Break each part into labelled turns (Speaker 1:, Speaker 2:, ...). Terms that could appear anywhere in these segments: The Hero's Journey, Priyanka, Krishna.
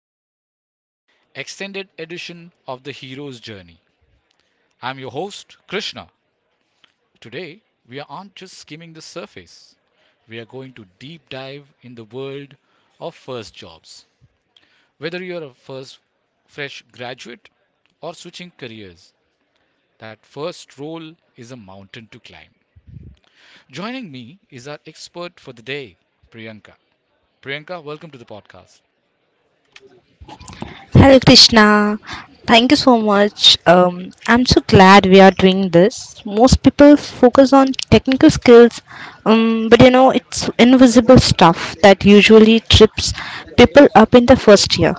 Speaker 1: very special extended edition of The Hero's Journey. I'm your host, Krishna. Today, we aren't just skimming the surface, we are going to deep dive in the world of first jobs. Whether you're a first fresh graduate or switching careers, that first role is a mountain to climb. Joining me is our expert for the day, Priyanka. Priyanka, welcome to the podcast.
Speaker 2: Hello, Krishna. Thank you so much. I'm so glad we are doing this. Most people focus on technical skills, but it's invisible stuff that usually trips people up in the first year.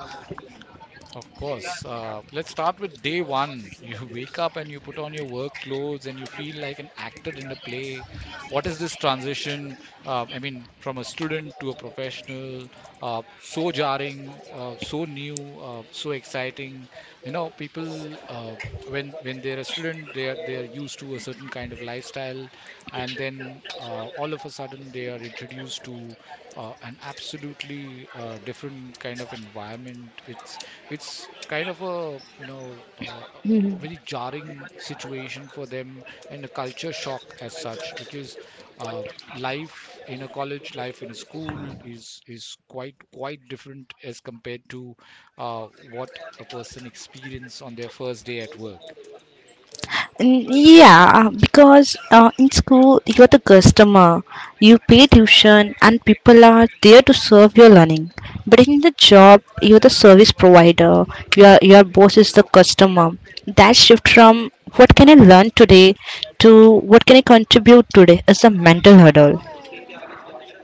Speaker 1: Of course. Let's start with day one. You wake up and you put on your work clothes and you feel like an actor in a play. What is this transition? I mean, from a student to a professional, so jarring, so new, so exciting. You know, people when they're a student, they're used to a certain kind of lifestyle, and then all of a sudden they are introduced to an absolutely different kind of environment. It's kind of a you know a very jarring situation for them and a culture shock as such because uh, life in a college life in a school is quite different as compared to uh, what a person experience on their first day at work.
Speaker 2: Mm. yeah, because in school you're the customer, you pay tuition, and people are there to serve your learning. But in the job, you're the service provider. Your boss is the customer. That shift from what can I learn today to what can I contribute today is a mental hurdle.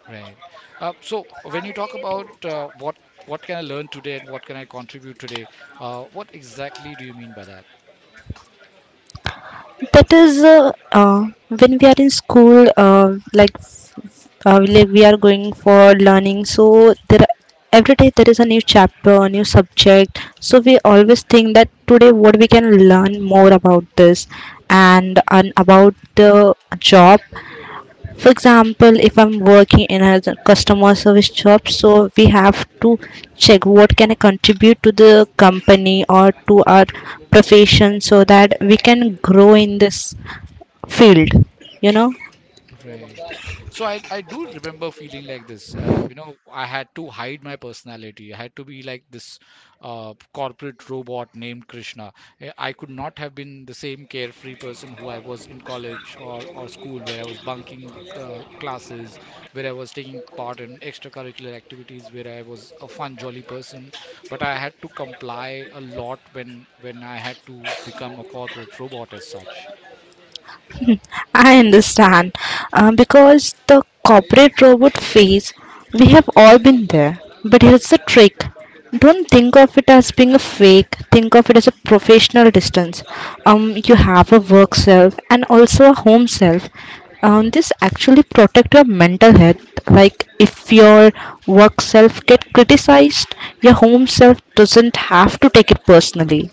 Speaker 1: Right. So when you talk about what can I learn today and what can I contribute today, what exactly do you mean by that?
Speaker 2: That is, when we are in school, like we are going for learning. Every day there is a new chapter, a new subject, so we always think that today what we can learn more about this and about the job. For example, if I'm working in a customer service job, so we have to check what can I contribute to the company or to our profession so that we can grow in this field, you know.
Speaker 1: Right. So I do remember feeling like this. You know, I had to hide my personality. I had to be like this corporate robot named Krishna. Eh, I could not have been the same carefree person who I was in college or school, where I was bunking classes, where I was taking part in extracurricular activities, where I was a fun, jolly person. But I had to comply a lot when I had to become a corporate robot as such.
Speaker 2: I understand. Because the corporate robot phase, we have all been there. But here's the trick: don't think of it as being a fake, think of it as a professional distance. You have a work self and also a home self. This actually protect your mental health. Like if your work self get criticized, your home self doesn't have to take it personally.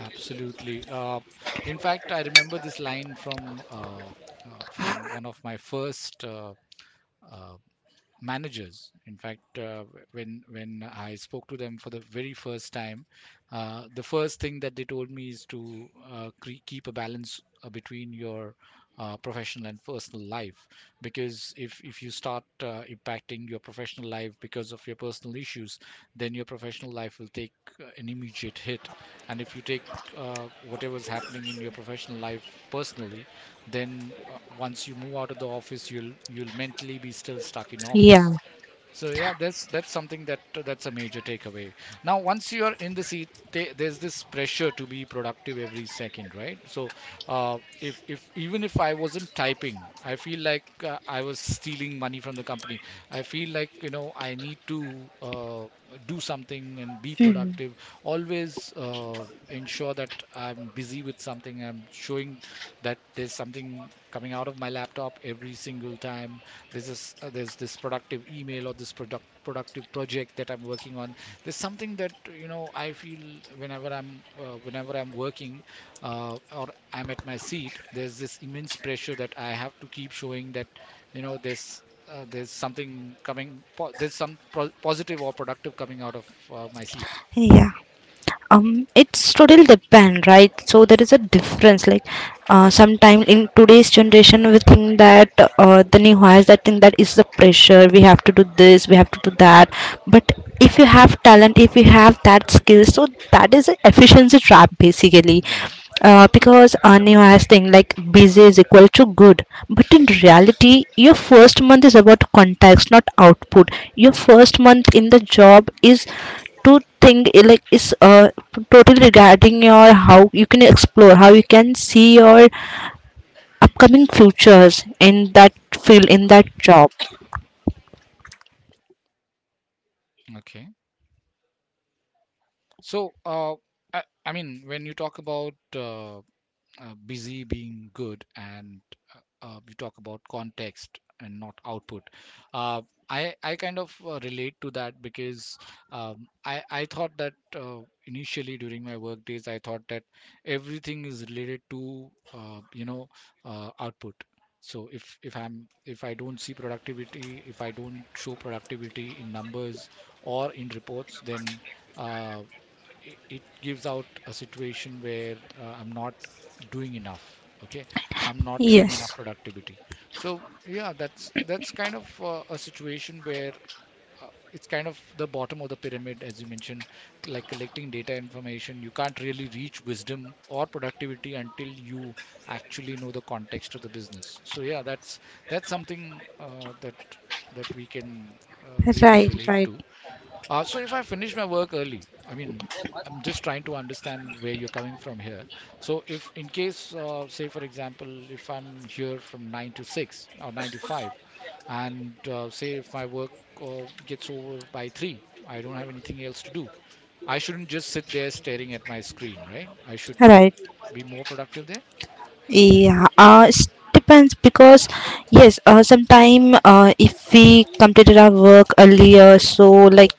Speaker 1: Absolutely. In fact, I remember this line from one of my first uh, managers. In fact, when I spoke to them for the very first time, the first thing that they told me is to keep a balance between your professional and personal life, because if you start impacting your professional life because of your personal issues, then your professional life will take an immediate hit, and if you take whatever's happening in your professional life personally, then once you move out of the office, you'll mentally be still stuck in
Speaker 2: Yeah.
Speaker 1: office. So yeah, that's something that, that's a major takeaway. Now, once you are in the seat, there's this pressure to be productive every second, right? So, if even if I wasn't typing, I feel like I was stealing money from the company. I feel like you know I need to do something and be
Speaker 2: Mm.
Speaker 1: productive. Always ensure that I'm busy with something. I'm showing that there's something coming out of my laptop every single time, there's this productive email or this productive project that I'm working on. There's something that you know I feel whenever I'm working or I'm at my seat. There's this immense pressure that I have to keep showing that you know there's something coming. There's some positive or productive coming out of my seat.
Speaker 2: Yeah. It's totally depend, right? So there is a difference. Like sometime in today's generation we think that the new hires that think that is the pressure, we have to do this, we have to do that. But if you have talent, if you have that skill, so that is a efficiency trap basically.
Speaker 1: Right.
Speaker 2: Because a new hires think like busy is equal to good. But in
Speaker 1: Right.
Speaker 2: reality your first month is about context, not output. Your first month in the job is to think, eh, like is totally regarding your, how you can explore, how you can see your upcoming futures in that field, in that job.
Speaker 1: Okay. So, I mean, when you talk about busy being good and you talk about context and not output, uh, I kind of relate to that because I thought that initially during my work days I thought that everything is related to you know output. So if I don't see productivity, if I don't show productivity in numbers or in reports, then uh, it gives out a situation where I'm not doing enough. Okay. I'm not showing enough
Speaker 2: Yes,
Speaker 1: productivity. So yeah, that's kind of a situation where it's kind of the bottom of the pyramid as you mentioned, like collecting data information, you can't really reach wisdom or productivity until you actually know the context of the business. So yeah, that's something that, that we can really
Speaker 2: right,
Speaker 1: relate
Speaker 2: right,
Speaker 1: to. So if I finish my work early, I mean, I'm just trying to understand where you're coming from here. So if in case, say for example, if I'm here from 9 to 6 or 9 to 5, and say if my work gets over by 3, I don't have anything else to do. I shouldn't just sit there staring at my screen, right? I should
Speaker 2: right.
Speaker 1: be more productive there,
Speaker 2: Yeah, it depends because yes, sometime if we completed our work earlier, so like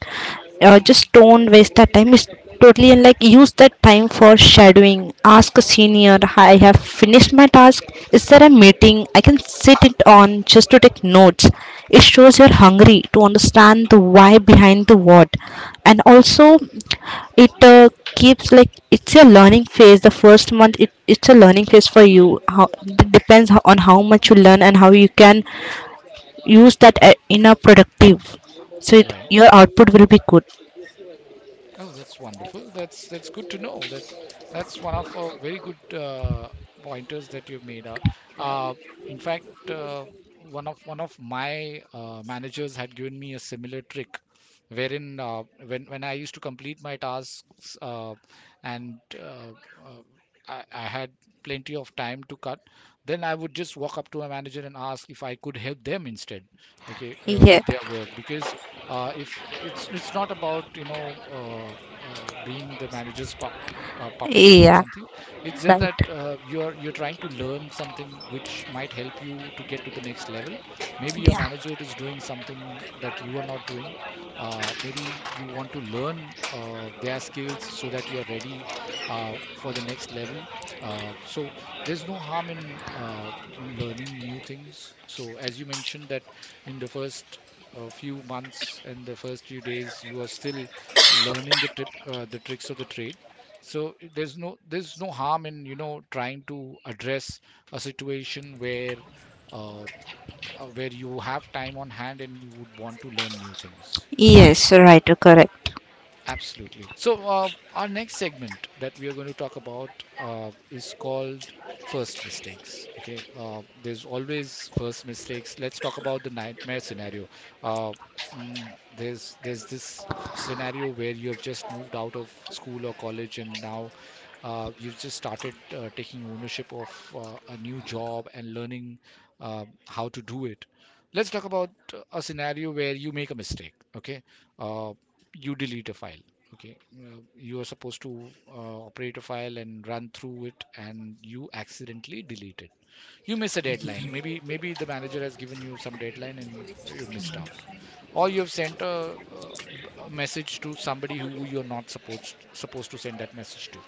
Speaker 2: just don't waste that time. It's totally and like use that time for shadowing. Ask a senior, "Hi, I have finished my task. Is there a meeting I can sit it on just to take notes?" It shows you're hungry to understand the why behind the what. And also it keeps, like it's a learning phase, the first month, it's a learning phase for you, how it depends on how much you learn and how you can use that in a productive. So
Speaker 1: right?
Speaker 2: your output will be good.
Speaker 1: Oh, that's wonderful. That's good to know. That's one of a very good pointers that you've made out. Uh, in fact, one of my managers had given me a similar trick, wherein when I used to complete my tasks and uh, I had plenty of time to cut, then I would just walk up to my manager and ask if I could help them instead, okay,
Speaker 2: Yeah.
Speaker 1: with their work. Because if it's it's not about you know being the manager's puppet or
Speaker 2: Yeah.
Speaker 1: something. It's just
Speaker 2: Right.
Speaker 1: that you're trying to learn something which might help you to get to the next level. Maybe your
Speaker 2: Yeah.
Speaker 1: manager is doing something that you are not doing. Maybe you want to learn their skills so that you're ready for the next level. So there's no harm in learning new things. So as you mentioned that in the first a few months and the first few days you are still learning the the tricks of the trade. So there's no harm in you know trying to address a situation uh, where you have time on hand and you would want to learn new things.
Speaker 2: Yes. Right. Correct.
Speaker 1: Absolutely. So, our next segment that we are going to talk about is called first mistakes. Okay. There's always first mistakes. Let's talk about the nightmare scenario. Uh, mm, there's scenario where you have just moved out of school or college and now you've just started taking ownership of a new job and learning how to do it. Let's talk about a scenario where you make a mistake. Okay. Uh, you delete a file. Okay. You are supposed to operate a file and run through it and you accidentally delete it. You miss a deadline. Maybe the manager has given you some deadline and you missed out. Or you have sent a message to somebody who you're not supposed to send that message to.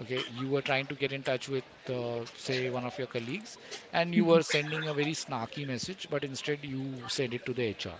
Speaker 1: Okay, you were trying to get in touch with uh, say one of your colleagues and you were sending a very snarky message, but instead you send it to the HR,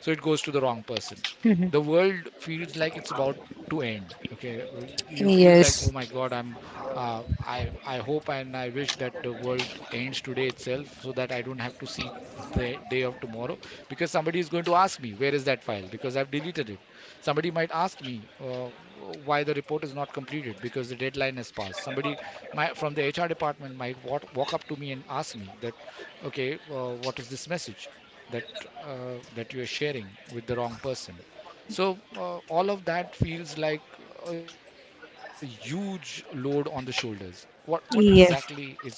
Speaker 1: so it goes to the wrong person. The world feels like it's about to end. Okay. You feel like,
Speaker 2: Yes.
Speaker 1: oh my god, I'm uh, I hope and I wish that the world ends today itself so that I don't have to see the day of tomorrow, because somebody is going to ask me where is that file because I've deleted it. Somebody might ask me uh, why the report is not completed because the deadline has passed. Somebody from the HR department might walk up to me and ask me that, okay, what is this message that that you are sharing with the wrong person. So all of that feels like a huge load on the shoulders. What exactly is all
Speaker 2: Yes.
Speaker 1: that about?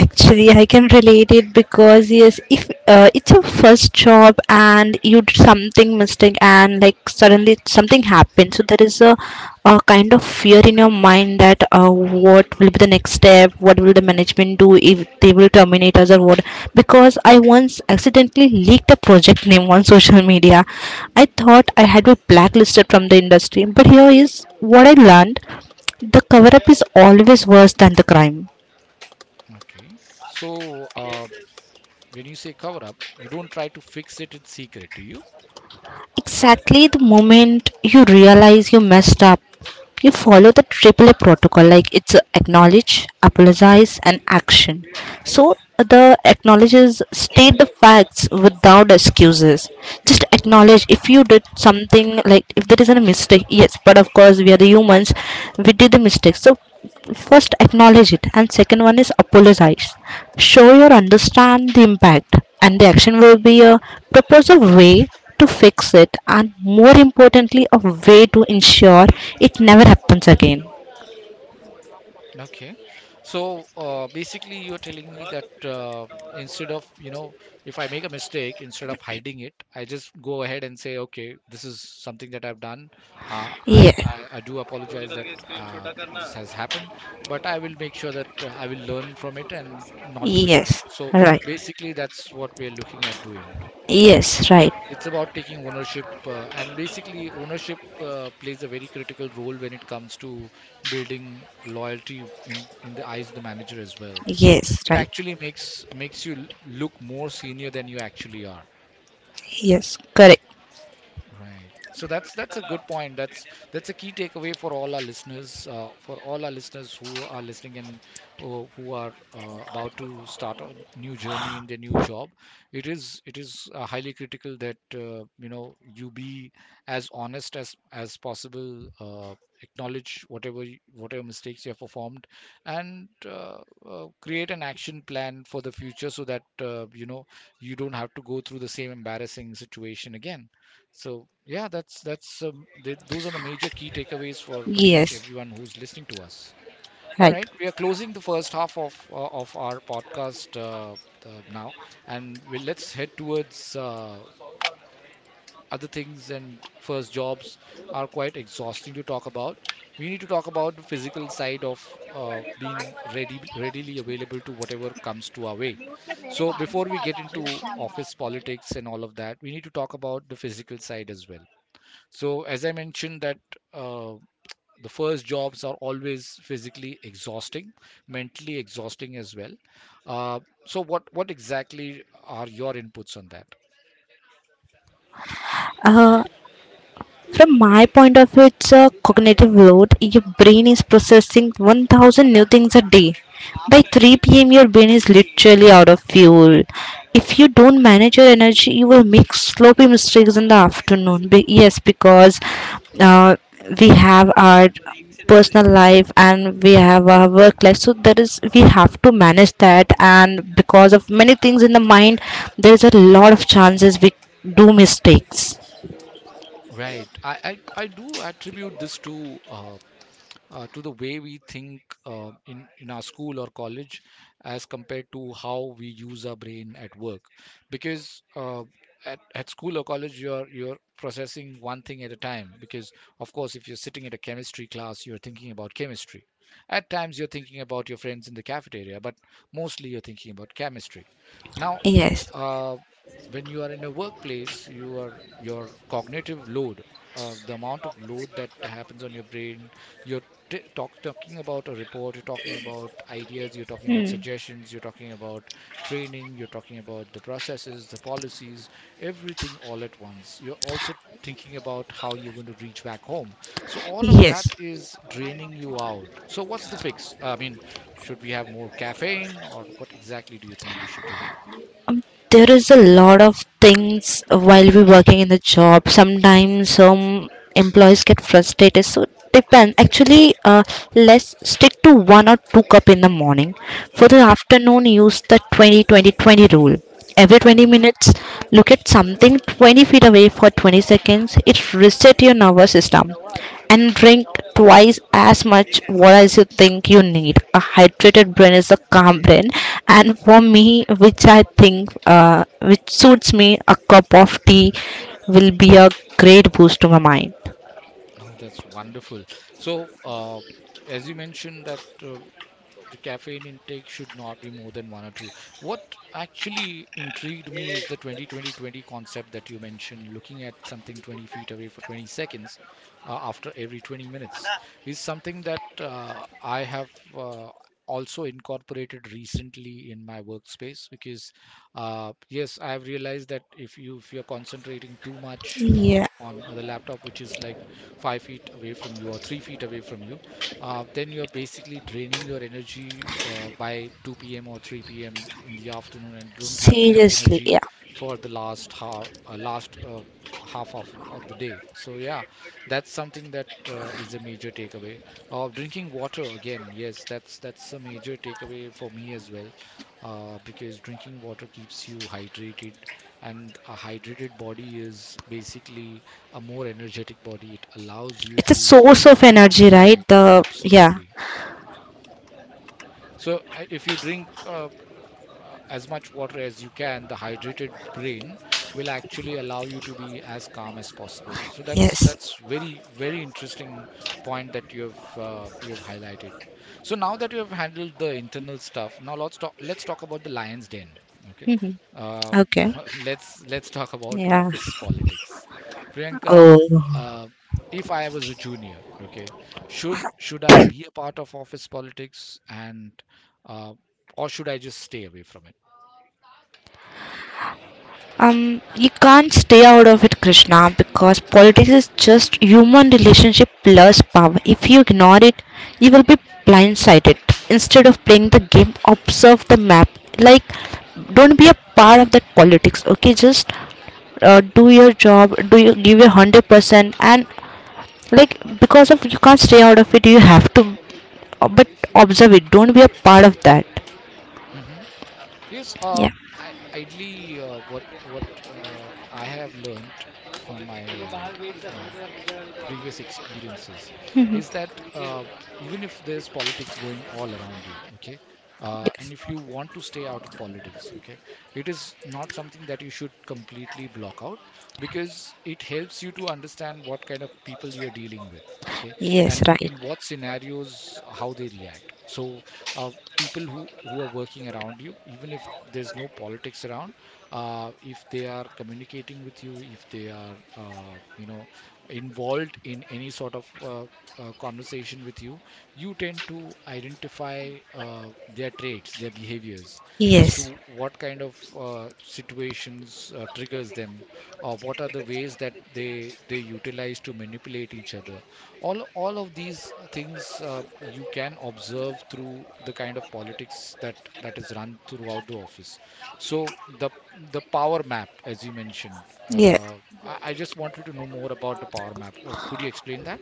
Speaker 2: Actually, I can relate it because yes, if it's your first job and you did something mistake and like suddenly something happened, so there is a kind of fear in your mind that what will be the next step, what will the management do if they will terminate us or what? Because I once accidentally leaked a project name on social media. I thought I had been blacklisted from the industry, but here is what I learned: the cover up is always worse than the crime.
Speaker 1: Okay, so uh, when you say cover up, you don't try to fix it in secret, do you?
Speaker 2: Exactly. The moment you realize you messed up, you follow the triple a protocol. Like it's acknowledge, apologize, and action. So the acknowledges state the facts without excuses. Just acknowledge if you did something. Like if there is a mistake, yes, but of course we are the humans, we did the mistake. So first acknowledge it, and second one is apologize. Show your understand the impact. And the action will be a proposal way to fix it, and more importantly, a way to ensure it never happens again.
Speaker 1: Okay. So basically, you're telling me that instead of, you know, if I make a mistake, instead of hiding it, I just go ahead and say, okay, this is something that I've done.
Speaker 2: Yeah.
Speaker 1: I'm, I do apologize that this has happened, but I will make sure that I will learn from it and not do it again.
Speaker 2: Yes.
Speaker 1: So
Speaker 2: Right.
Speaker 1: basically, that's what we're looking at doing.
Speaker 2: Yes, right.
Speaker 1: It's about taking ownership, and basically ownership plays a very critical role when it comes to building loyalty in the eyes of the manager as well. So
Speaker 2: Yes.
Speaker 1: it
Speaker 2: Right.
Speaker 1: actually makes you look more senior than you actually are.
Speaker 2: Yes. Correct.
Speaker 1: Right. So that's a good point. That's a key takeaway for all our listeners, for all our listeners who are listening and who are about to start a new journey in their new job. It is highly critical that you be as honest as possible. Acknowledge whatever mistakes you have performed, and create an action plan for the future so that you don't have to go through the same embarrassing situation again. So yeah, those are the major key takeaways for pretty much
Speaker 2: Yes.
Speaker 1: everyone who's listening to us. All
Speaker 2: Right.
Speaker 1: right, we are closing the first half of our podcast now, and let's head towards other things. And first, jobs are quite exhausting to talk about. We need to talk about the physical side of being ready readily available to whatever comes to our way. So before we get into office politics and all of that, we need to talk about the physical side as well. So, as I mentioned, that uh, the first jobs are always physically exhausting, mentally exhausting as well. So, what exactly are your inputs on that?
Speaker 2: From my point of view, it's a cognitive load. Your brain is processing 1,000 new things a day. By 3 p.m., your brain is literally out of fuel. If you don't manage your energy, you will make sloppy mistakes in the afternoon. Yes, because uh, we have our personal life and we have our work life, so there is we have to manage that, and because of many things in the mind there is a lot of chances we do mistakes.
Speaker 1: Right. I do attribute this to the way we think in our school or college as compared to how we use our brain at work because at school or college you're processing one thing at a time because of course if you're sitting at a chemistry class you're thinking about chemistry at times you're thinking about your friends in the cafeteria but mostly you're thinking about chemistry now
Speaker 2: Yes.
Speaker 1: uh, when you are in a workplace you are your cognitive load the amount of load that happens on your brain your t- talk, talking about a report, you're talking about ideas, you're talking about suggestions, you're talking about training, you're talking about the processes, the policies, everything all at once. You're also thinking about how you're going to reach back home. So all of
Speaker 2: Yes,
Speaker 1: that is draining you out. So what's the fix? I mean, should we have more caffeine or what exactly do you think we should do?
Speaker 2: there is a lot of things while we working in the job. Sometimes some employees get frustrated. So depend. Actually, let's stick to one or two cup in the morning. For the
Speaker 1: hmm
Speaker 2: afternoon, use the 20-20-20 rule. Every 20
Speaker 1: hmm
Speaker 2: minutes, look at something 20 feet away for 20 seconds. It reset your nervous system and drink twice as much water as you think you need. A hydrated brain is a calm brain, and for me, which I think which suits me, a cup of tea will be a great boost to my mind.
Speaker 1: Oh, that's wonderful. So, as you mentioned that the caffeine intake should not be more than one or two. What actually intrigued me is the 20-20-20 concept that you mentioned, looking at something 20 feet away for 20 seconds after every 20 minutes, is something that I have. Uh, Also incorporated recently in my workspace because yes, I have realized that if you're concentrating too much
Speaker 2: Yeah,
Speaker 1: on the laptop, which is like 5 feet away from you or 3 feet away from you, then you are basically draining your energy by 2 p.m. or 3 p.m. in the afternoon, and you don't have enough
Speaker 2: seriously,
Speaker 1: energy
Speaker 2: yeah,
Speaker 1: for the last hour, last half of the day. So yeah, that's something that is a major takeaway. Drinking water again, yes, that's a major takeaway for me as well, because drinking water keeps you hydrated, and a hydrated body is basically a more energetic body. It allows you
Speaker 2: it's a
Speaker 1: to.
Speaker 2: source of energy, right?
Speaker 1: Right,
Speaker 2: The yeah,
Speaker 1: absolutely. So if you drink as much water as you can, the hydrated brain will actually allow you to be as calm as possible. So that's
Speaker 2: yes,
Speaker 1: that's very, very interesting point that you have highlighted. So now that you have handled the internal stuff, now let's talk about the lion's den. Okay, uh,
Speaker 2: okay,
Speaker 1: let's talk about
Speaker 2: yeah,
Speaker 1: office politics. Priyanka,
Speaker 2: oh.
Speaker 1: uh, if I was a junior, okay, should I be a part of office politics and uh, or should I just stay away from it?
Speaker 2: um you can't stay out of it, Krishna, because politics is just human relationship plus power. If you ignore it, you will be blindsided. Instead of playing the game, observe the map. Like, don't be a part of that politics, okay? Just do your job, do you give your 100% and like because of you can't stay out of it you have to but observe it, don't be a part of that.
Speaker 1: hmm Yes,
Speaker 2: Yeah.
Speaker 1: I ideally what I have learned from my you know, previous experiences is that even if there's politics going all around you, okay, and if you want to stay out of politics, okay, it is not something that you should completely block out, because it helps you to understand what kind of people you're dealing with. Okay.
Speaker 2: Yes.
Speaker 1: And
Speaker 2: Right.
Speaker 1: in what scenarios how they react. So uh, people who are working around you, even if there's no politics around, if they are communicating with you, if they are involved in any sort of conversation with you, you tend to identify their traits, their behaviors, as
Speaker 2: Yes.
Speaker 1: to what kind of situations triggers them, or what are the ways that they utilize to manipulate each other. All of these things you can observe through the kind of politics that is run throughout the office. So the the power map, as you mentioned.
Speaker 2: Yeah.
Speaker 1: Uh, I just wanted to know more about the power map. Or could you explain that?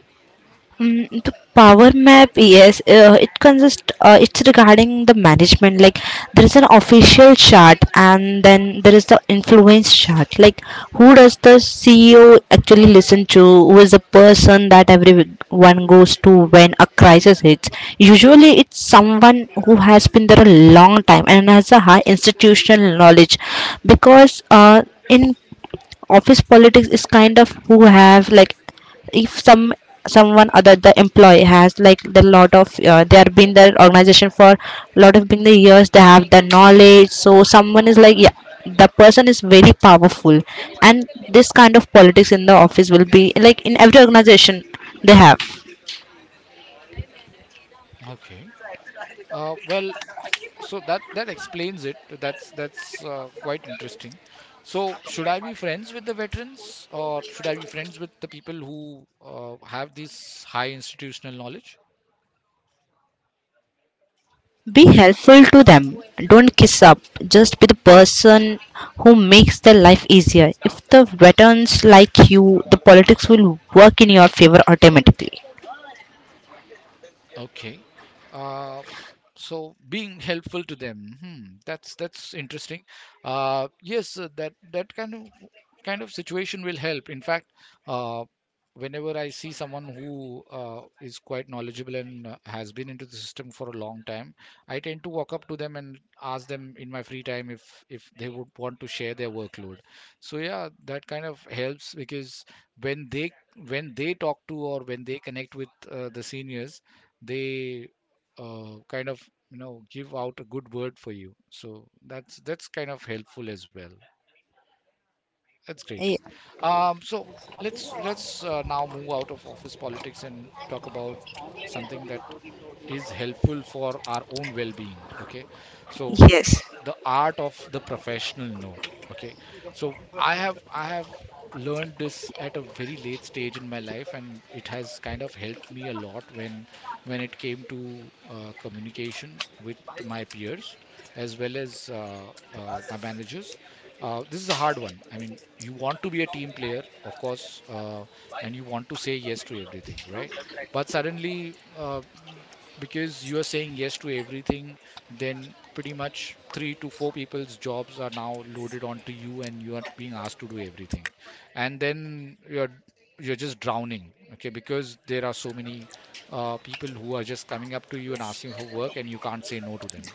Speaker 2: Mm, the power map, yes, it consists. It's regarding the management. Like there is an official chart, and then there is the influence chart. Like, who does the CEO actually listen to? Who is the person that everyone goes to when a crisis hits? Usually, it's someone who has been there a long time and has a high institutional knowledge, because in office politics is kind of who have like if someone other the employee has like the lot of they have been the organization for lot of been the years they have the knowledge, so someone is like, yeah, the person is very powerful. And this kind of politics in the office will be like in every organization they have.
Speaker 1: Okay. Well, so that that explains it. That's quite interesting. So should I be friends with the veterans, or should I be friends with the people who have this high institutional knowledge?
Speaker 2: Be helpful to them. Don't kiss up. Just be the person who makes their life easier. If the veterans like you, the politics will work in your favor automatically.
Speaker 1: Okay. Uh, so being helpful to them. Hmm, that's interesting. Yes, that kind of situation will help. In fact, uh, whenever I see someone who is quite knowledgeable and has been into the system for a long time, I tend to walk up to them and ask them in my free time if they would want to share their workload. So yeah, that kind of helps because when they when they talk to or when they connect with the seniors, they kind of give out a good word for you. So that's kind of helpful as well. That's great.
Speaker 2: Y-
Speaker 1: So let's now move out of office politics and talk about something that is helpful for our own well-being. Okay, so
Speaker 2: Yes.
Speaker 1: the art of the professional no. Okay, so I have learned this at a very late stage in my life, and it has kind of helped me a lot when it came to communication with my peers as well as my managers. This is a hard one. I mean, you want to be a team player, of course, uh, and you want to say yes to everything, right? But suddenly, because you are saying yes to everything, then pretty much 3 to 4 people's jobs are now loaded onto you and you are being asked to do everything. And then you're just drowning, okay, because there are so many people who are just coming up to you and asking for work, and you can't say no to them.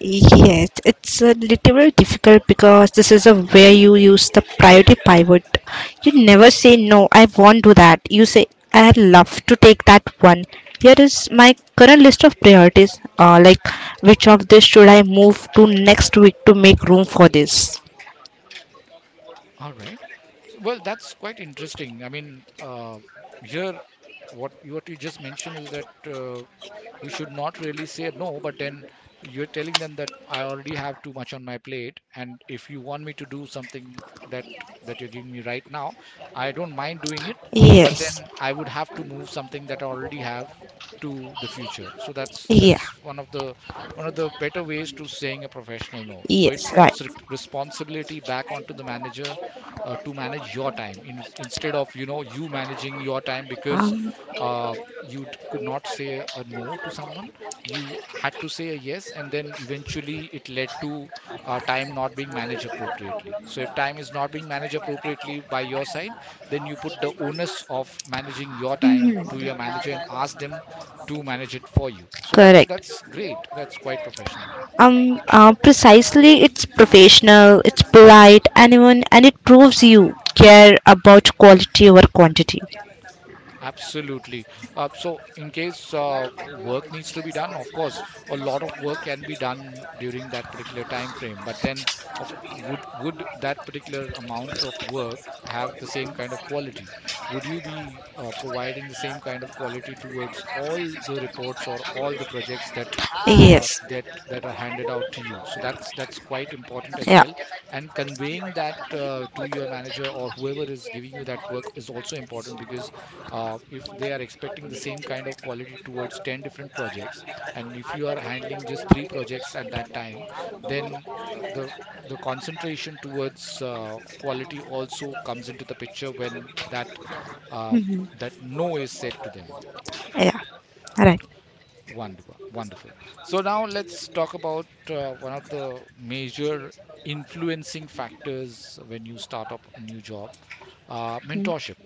Speaker 2: Yes, it's a little difficult because this is a where you use the priority pivot. You never say no, I won't do that. You say I'd love to take that one. Here is my current list of priorities. Like, which of this should I move to next week to make room for this?
Speaker 1: All right, so, well, that's quite interesting. I mean, here, what you just mentioned is that we should not really say no, but then you're telling them that I already have too much on my plate, and if you want me to do something that that you're giving me right now, I don't mind doing it, but
Speaker 2: Yes.
Speaker 1: then I would have to move something that I already have to the future. So that's
Speaker 2: Yeah.
Speaker 1: one of the better ways to saying a professional no. So it
Speaker 2: Yes. Right.
Speaker 1: puts responsibility back onto the manager to manage your time, instead of you managing your time, because
Speaker 2: Um.
Speaker 1: could not say a no to someone, you had to say a yes, and then eventually it led to time not being managed appropriately. So if time is not being managed appropriately by your side, then you put the onus of managing your time to your manager and ask them to manage it for you. So that's
Speaker 2: Correct.
Speaker 1: that's great. That's quite professional.
Speaker 2: Precisely, it's professional, it's polite, and even and it proves you care about quality over quantity.
Speaker 1: Absolutely. So, in case work needs to be done, of course, a lot of work can be done during that particular time frame. But then, of would that particular amount of work have the same kind of quality? Would you be providing the same kind of quality towards all the reports or all the projects that uh,
Speaker 2: Yes,
Speaker 1: that that are handed out to you? So that's quite important as
Speaker 2: yeah,
Speaker 1: well. And conveying that to your manager or whoever is giving you that work is also important, because if they are expecting the same kind of quality towards 10 different projects, and if you are handling just 3 projects at that time, then uh, the the concentration towards quality also comes into the picture when that uh, that no is said to them.
Speaker 2: yeah, right,
Speaker 1: Wonderful, wonderful. So now let's talk about one of the major influencing factors when you start up a new job, mentorship.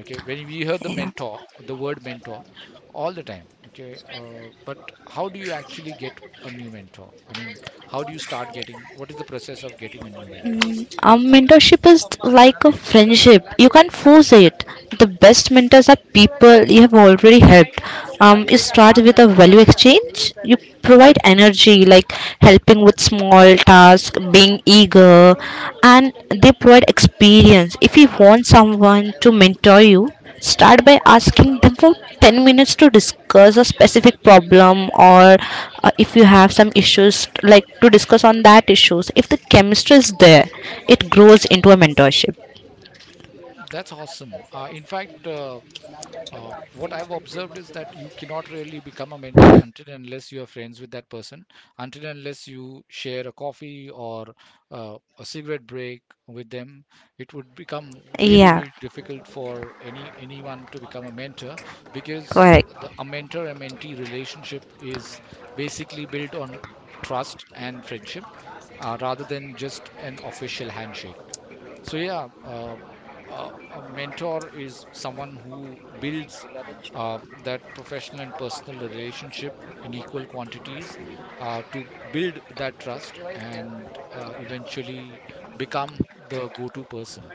Speaker 1: Okay, when we hear the
Speaker 2: yeah.
Speaker 1: mentor, the word mentor, all the time. Okay, but how do you actually get a new mentor? I mean, how do you start getting? What is the process of getting a new mentor?
Speaker 2: Mentorship is like a friendship. You can't force it. The best mentors are people you have already helped. You start with a value exchange. You provide
Speaker 1: hmm
Speaker 2: energy, like helping with small tasks, being eager, and they provide experience. If you want someone to mentor you, start by asking them for 10 minutes to discuss a specific problem, or if you have some issues like to discuss on that issues. If the chemistry is there, it grows into a mentorship.
Speaker 1: That's awesome. What I've observed is that you cannot really become a mentor until and unless you're friends with that person, until and unless you share a coffee or a cigarette break with them. It would become really,
Speaker 2: Yeah,
Speaker 1: really difficult for anyone to become a mentor because
Speaker 2: correct.
Speaker 1: the a mentor and mentee relationship is basically built on trust and friendship, rather than just an official handshake. so yeah uh, a mentor is someone who builds that professional and personal relationship in equal quantities, to build that trust and eventually become the go-to person.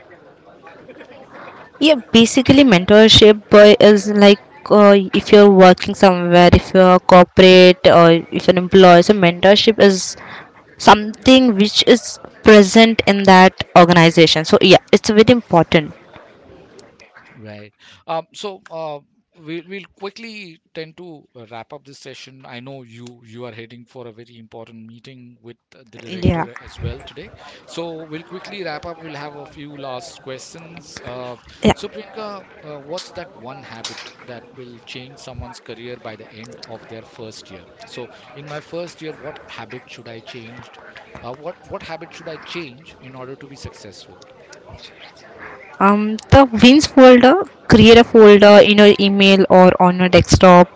Speaker 2: Yeah, basically mentorship is like if you're working somewhere, if you're corporate or if an employee, so mentorship is something which is present in that organization. So yeah, it's very important.
Speaker 1: Right. Um, so uh, we'll quickly tend to wrap up this session. I know you are heading for a very important meeting with the
Speaker 2: Yeah.
Speaker 1: director as well today. So we'll quickly wrap up. We'll have a few last questions. Uh,
Speaker 2: Yeah.
Speaker 1: so Priyanka, what's that one habit that will change someone's career by the end of their first year? So in my first year, what habit should I change? What habit should I change in order to be successful?
Speaker 2: The wins folder, create a
Speaker 1: Okay.
Speaker 2: folder in your email or on your desktop.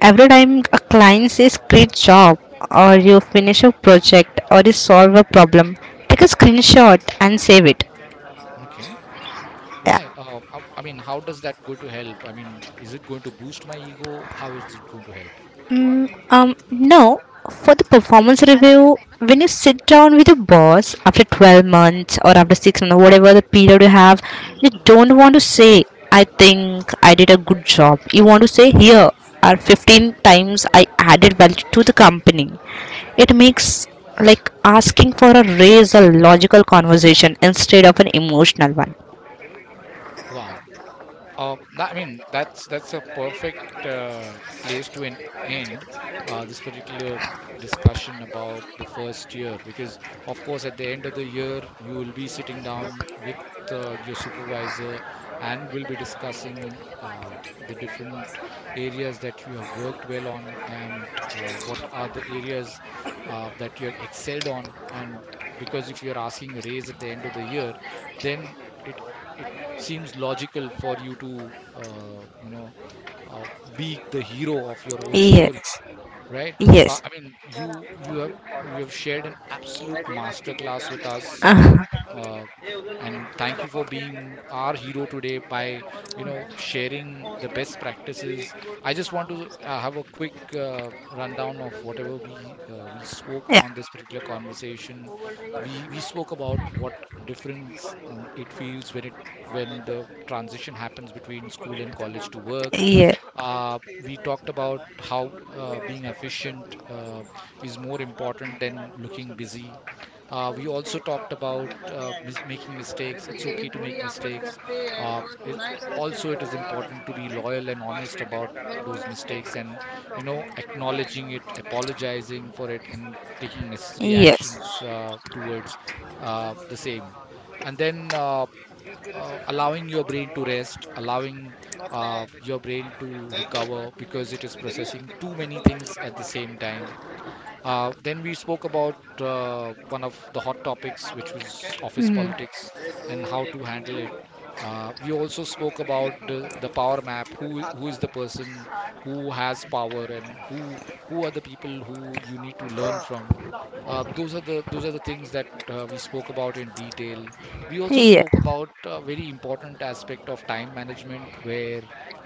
Speaker 2: Every time a client says great job or you finish a project or you solve a problem, take a screenshot and save it.
Speaker 1: Okay. Why?
Speaker 2: Yeah.
Speaker 1: I mean, how does that going to help? I mean, is it going to boost my ego? How is it going to help?
Speaker 2: No, for the performance review, when you sit down with your boss after 12 months or after 6 months, whatever the period you have, you don't want to say, I think I did a good job. You want to say, here are 15 times I added value to the company. It makes like asking for a raise a logical conversation instead of an emotional one.
Speaker 1: Wow. I mean, that's a perfect place to end this particular discussion about the first year, because of course, at the end of the year, you will be sitting down with your supervisor and will be discussing the different areas that you have worked well on and what are the areas that you have excelled on. And because if you're asking a raise at the end of the year, then it seems logical for you to, you know, uh, be the hero of your own story,
Speaker 2: Yes,
Speaker 1: right?
Speaker 2: yes,
Speaker 1: I mean, you you have shared an absolute masterclass with us, uh, and thank you for being our hero today by, you know, sharing the best practices. I just want to have a quick rundown of whatever we spoke
Speaker 2: yeah,
Speaker 1: on this particular conversation. We spoke about what difference it feels when it when the transition happens between school and college to work.
Speaker 2: yeah,
Speaker 1: uh, we talked about how being efficient is more important than looking busy. We also talked about making mistakes. It's okay to make mistakes. Uh, it, Also, it is important to be loyal and honest about those mistakes and, you know, acknowledging it, apologizing for it, and taking necessary
Speaker 2: yes,
Speaker 1: actions towards the same. And then Allowing your brain to rest, allowing your brain to recover because it is processing too many things at the same time. Then we spoke about one of the hot topics, which was office
Speaker 2: hmm,
Speaker 1: politics and how to handle it. We also spoke about the power map. Who is the person who has power, and who are the people who you need to learn from. Those are the things that we spoke about in detail. We also
Speaker 2: yeah,
Speaker 1: spoke about a very important aspect of time management, where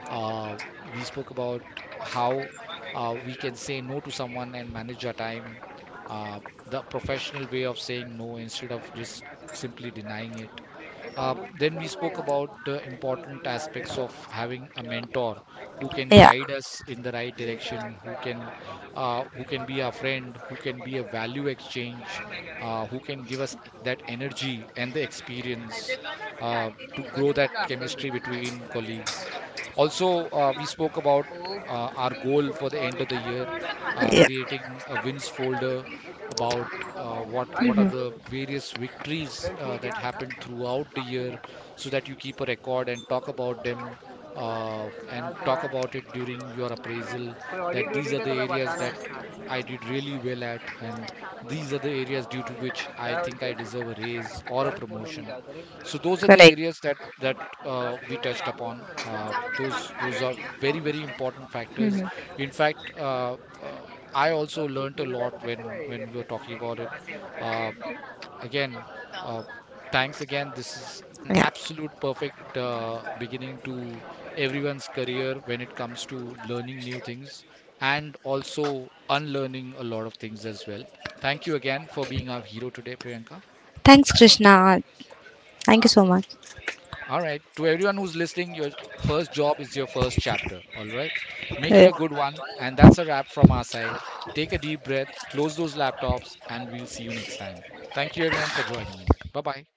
Speaker 1: uh, we spoke about how we can say no to someone and manage our time, uh, the professional way of saying no instead of just simply denying it. Then we spoke about the important aspects of having a mentor who can
Speaker 2: yeah.
Speaker 1: guide us in the right direction, who can, who can be our friend, who can be a value exchange, who can give us that energy and the experience to grow that chemistry between colleagues. Also, we spoke about our goal for the end of the year,
Speaker 2: Yeah.
Speaker 1: creating a wins folder about what are
Speaker 2: Mhm.
Speaker 1: the various victories that happened throughout the year, so that you keep a record and talk about them, and talk about it during your appraisal, that these are the areas that I did really well at, and these are the areas due to which I think I deserve a raise or a promotion. So those are the
Speaker 2: Correct.
Speaker 1: areas that we touched upon. Those are very, very important factors.
Speaker 2: Mhm.
Speaker 1: In fact, I also learned a lot when we were talking about it. Uh, again, uh, Thanks again. This is an
Speaker 2: Yeah.
Speaker 1: absolute perfect beginning to everyone's career when it comes to learning new things and also unlearning a lot of things as well. Thank you again for being our hero today, Priyanka.
Speaker 2: Thanks, Krishna. Thank you so much.
Speaker 1: All right. To everyone who's listening, your first job is your first chapter. All right. Make it
Speaker 2: Yeah.
Speaker 1: a good one. And that's a wrap from our side. Take a deep breath, close those laptops, and we'll see you next time. Thank you, everyone, for joining in. Bye bye.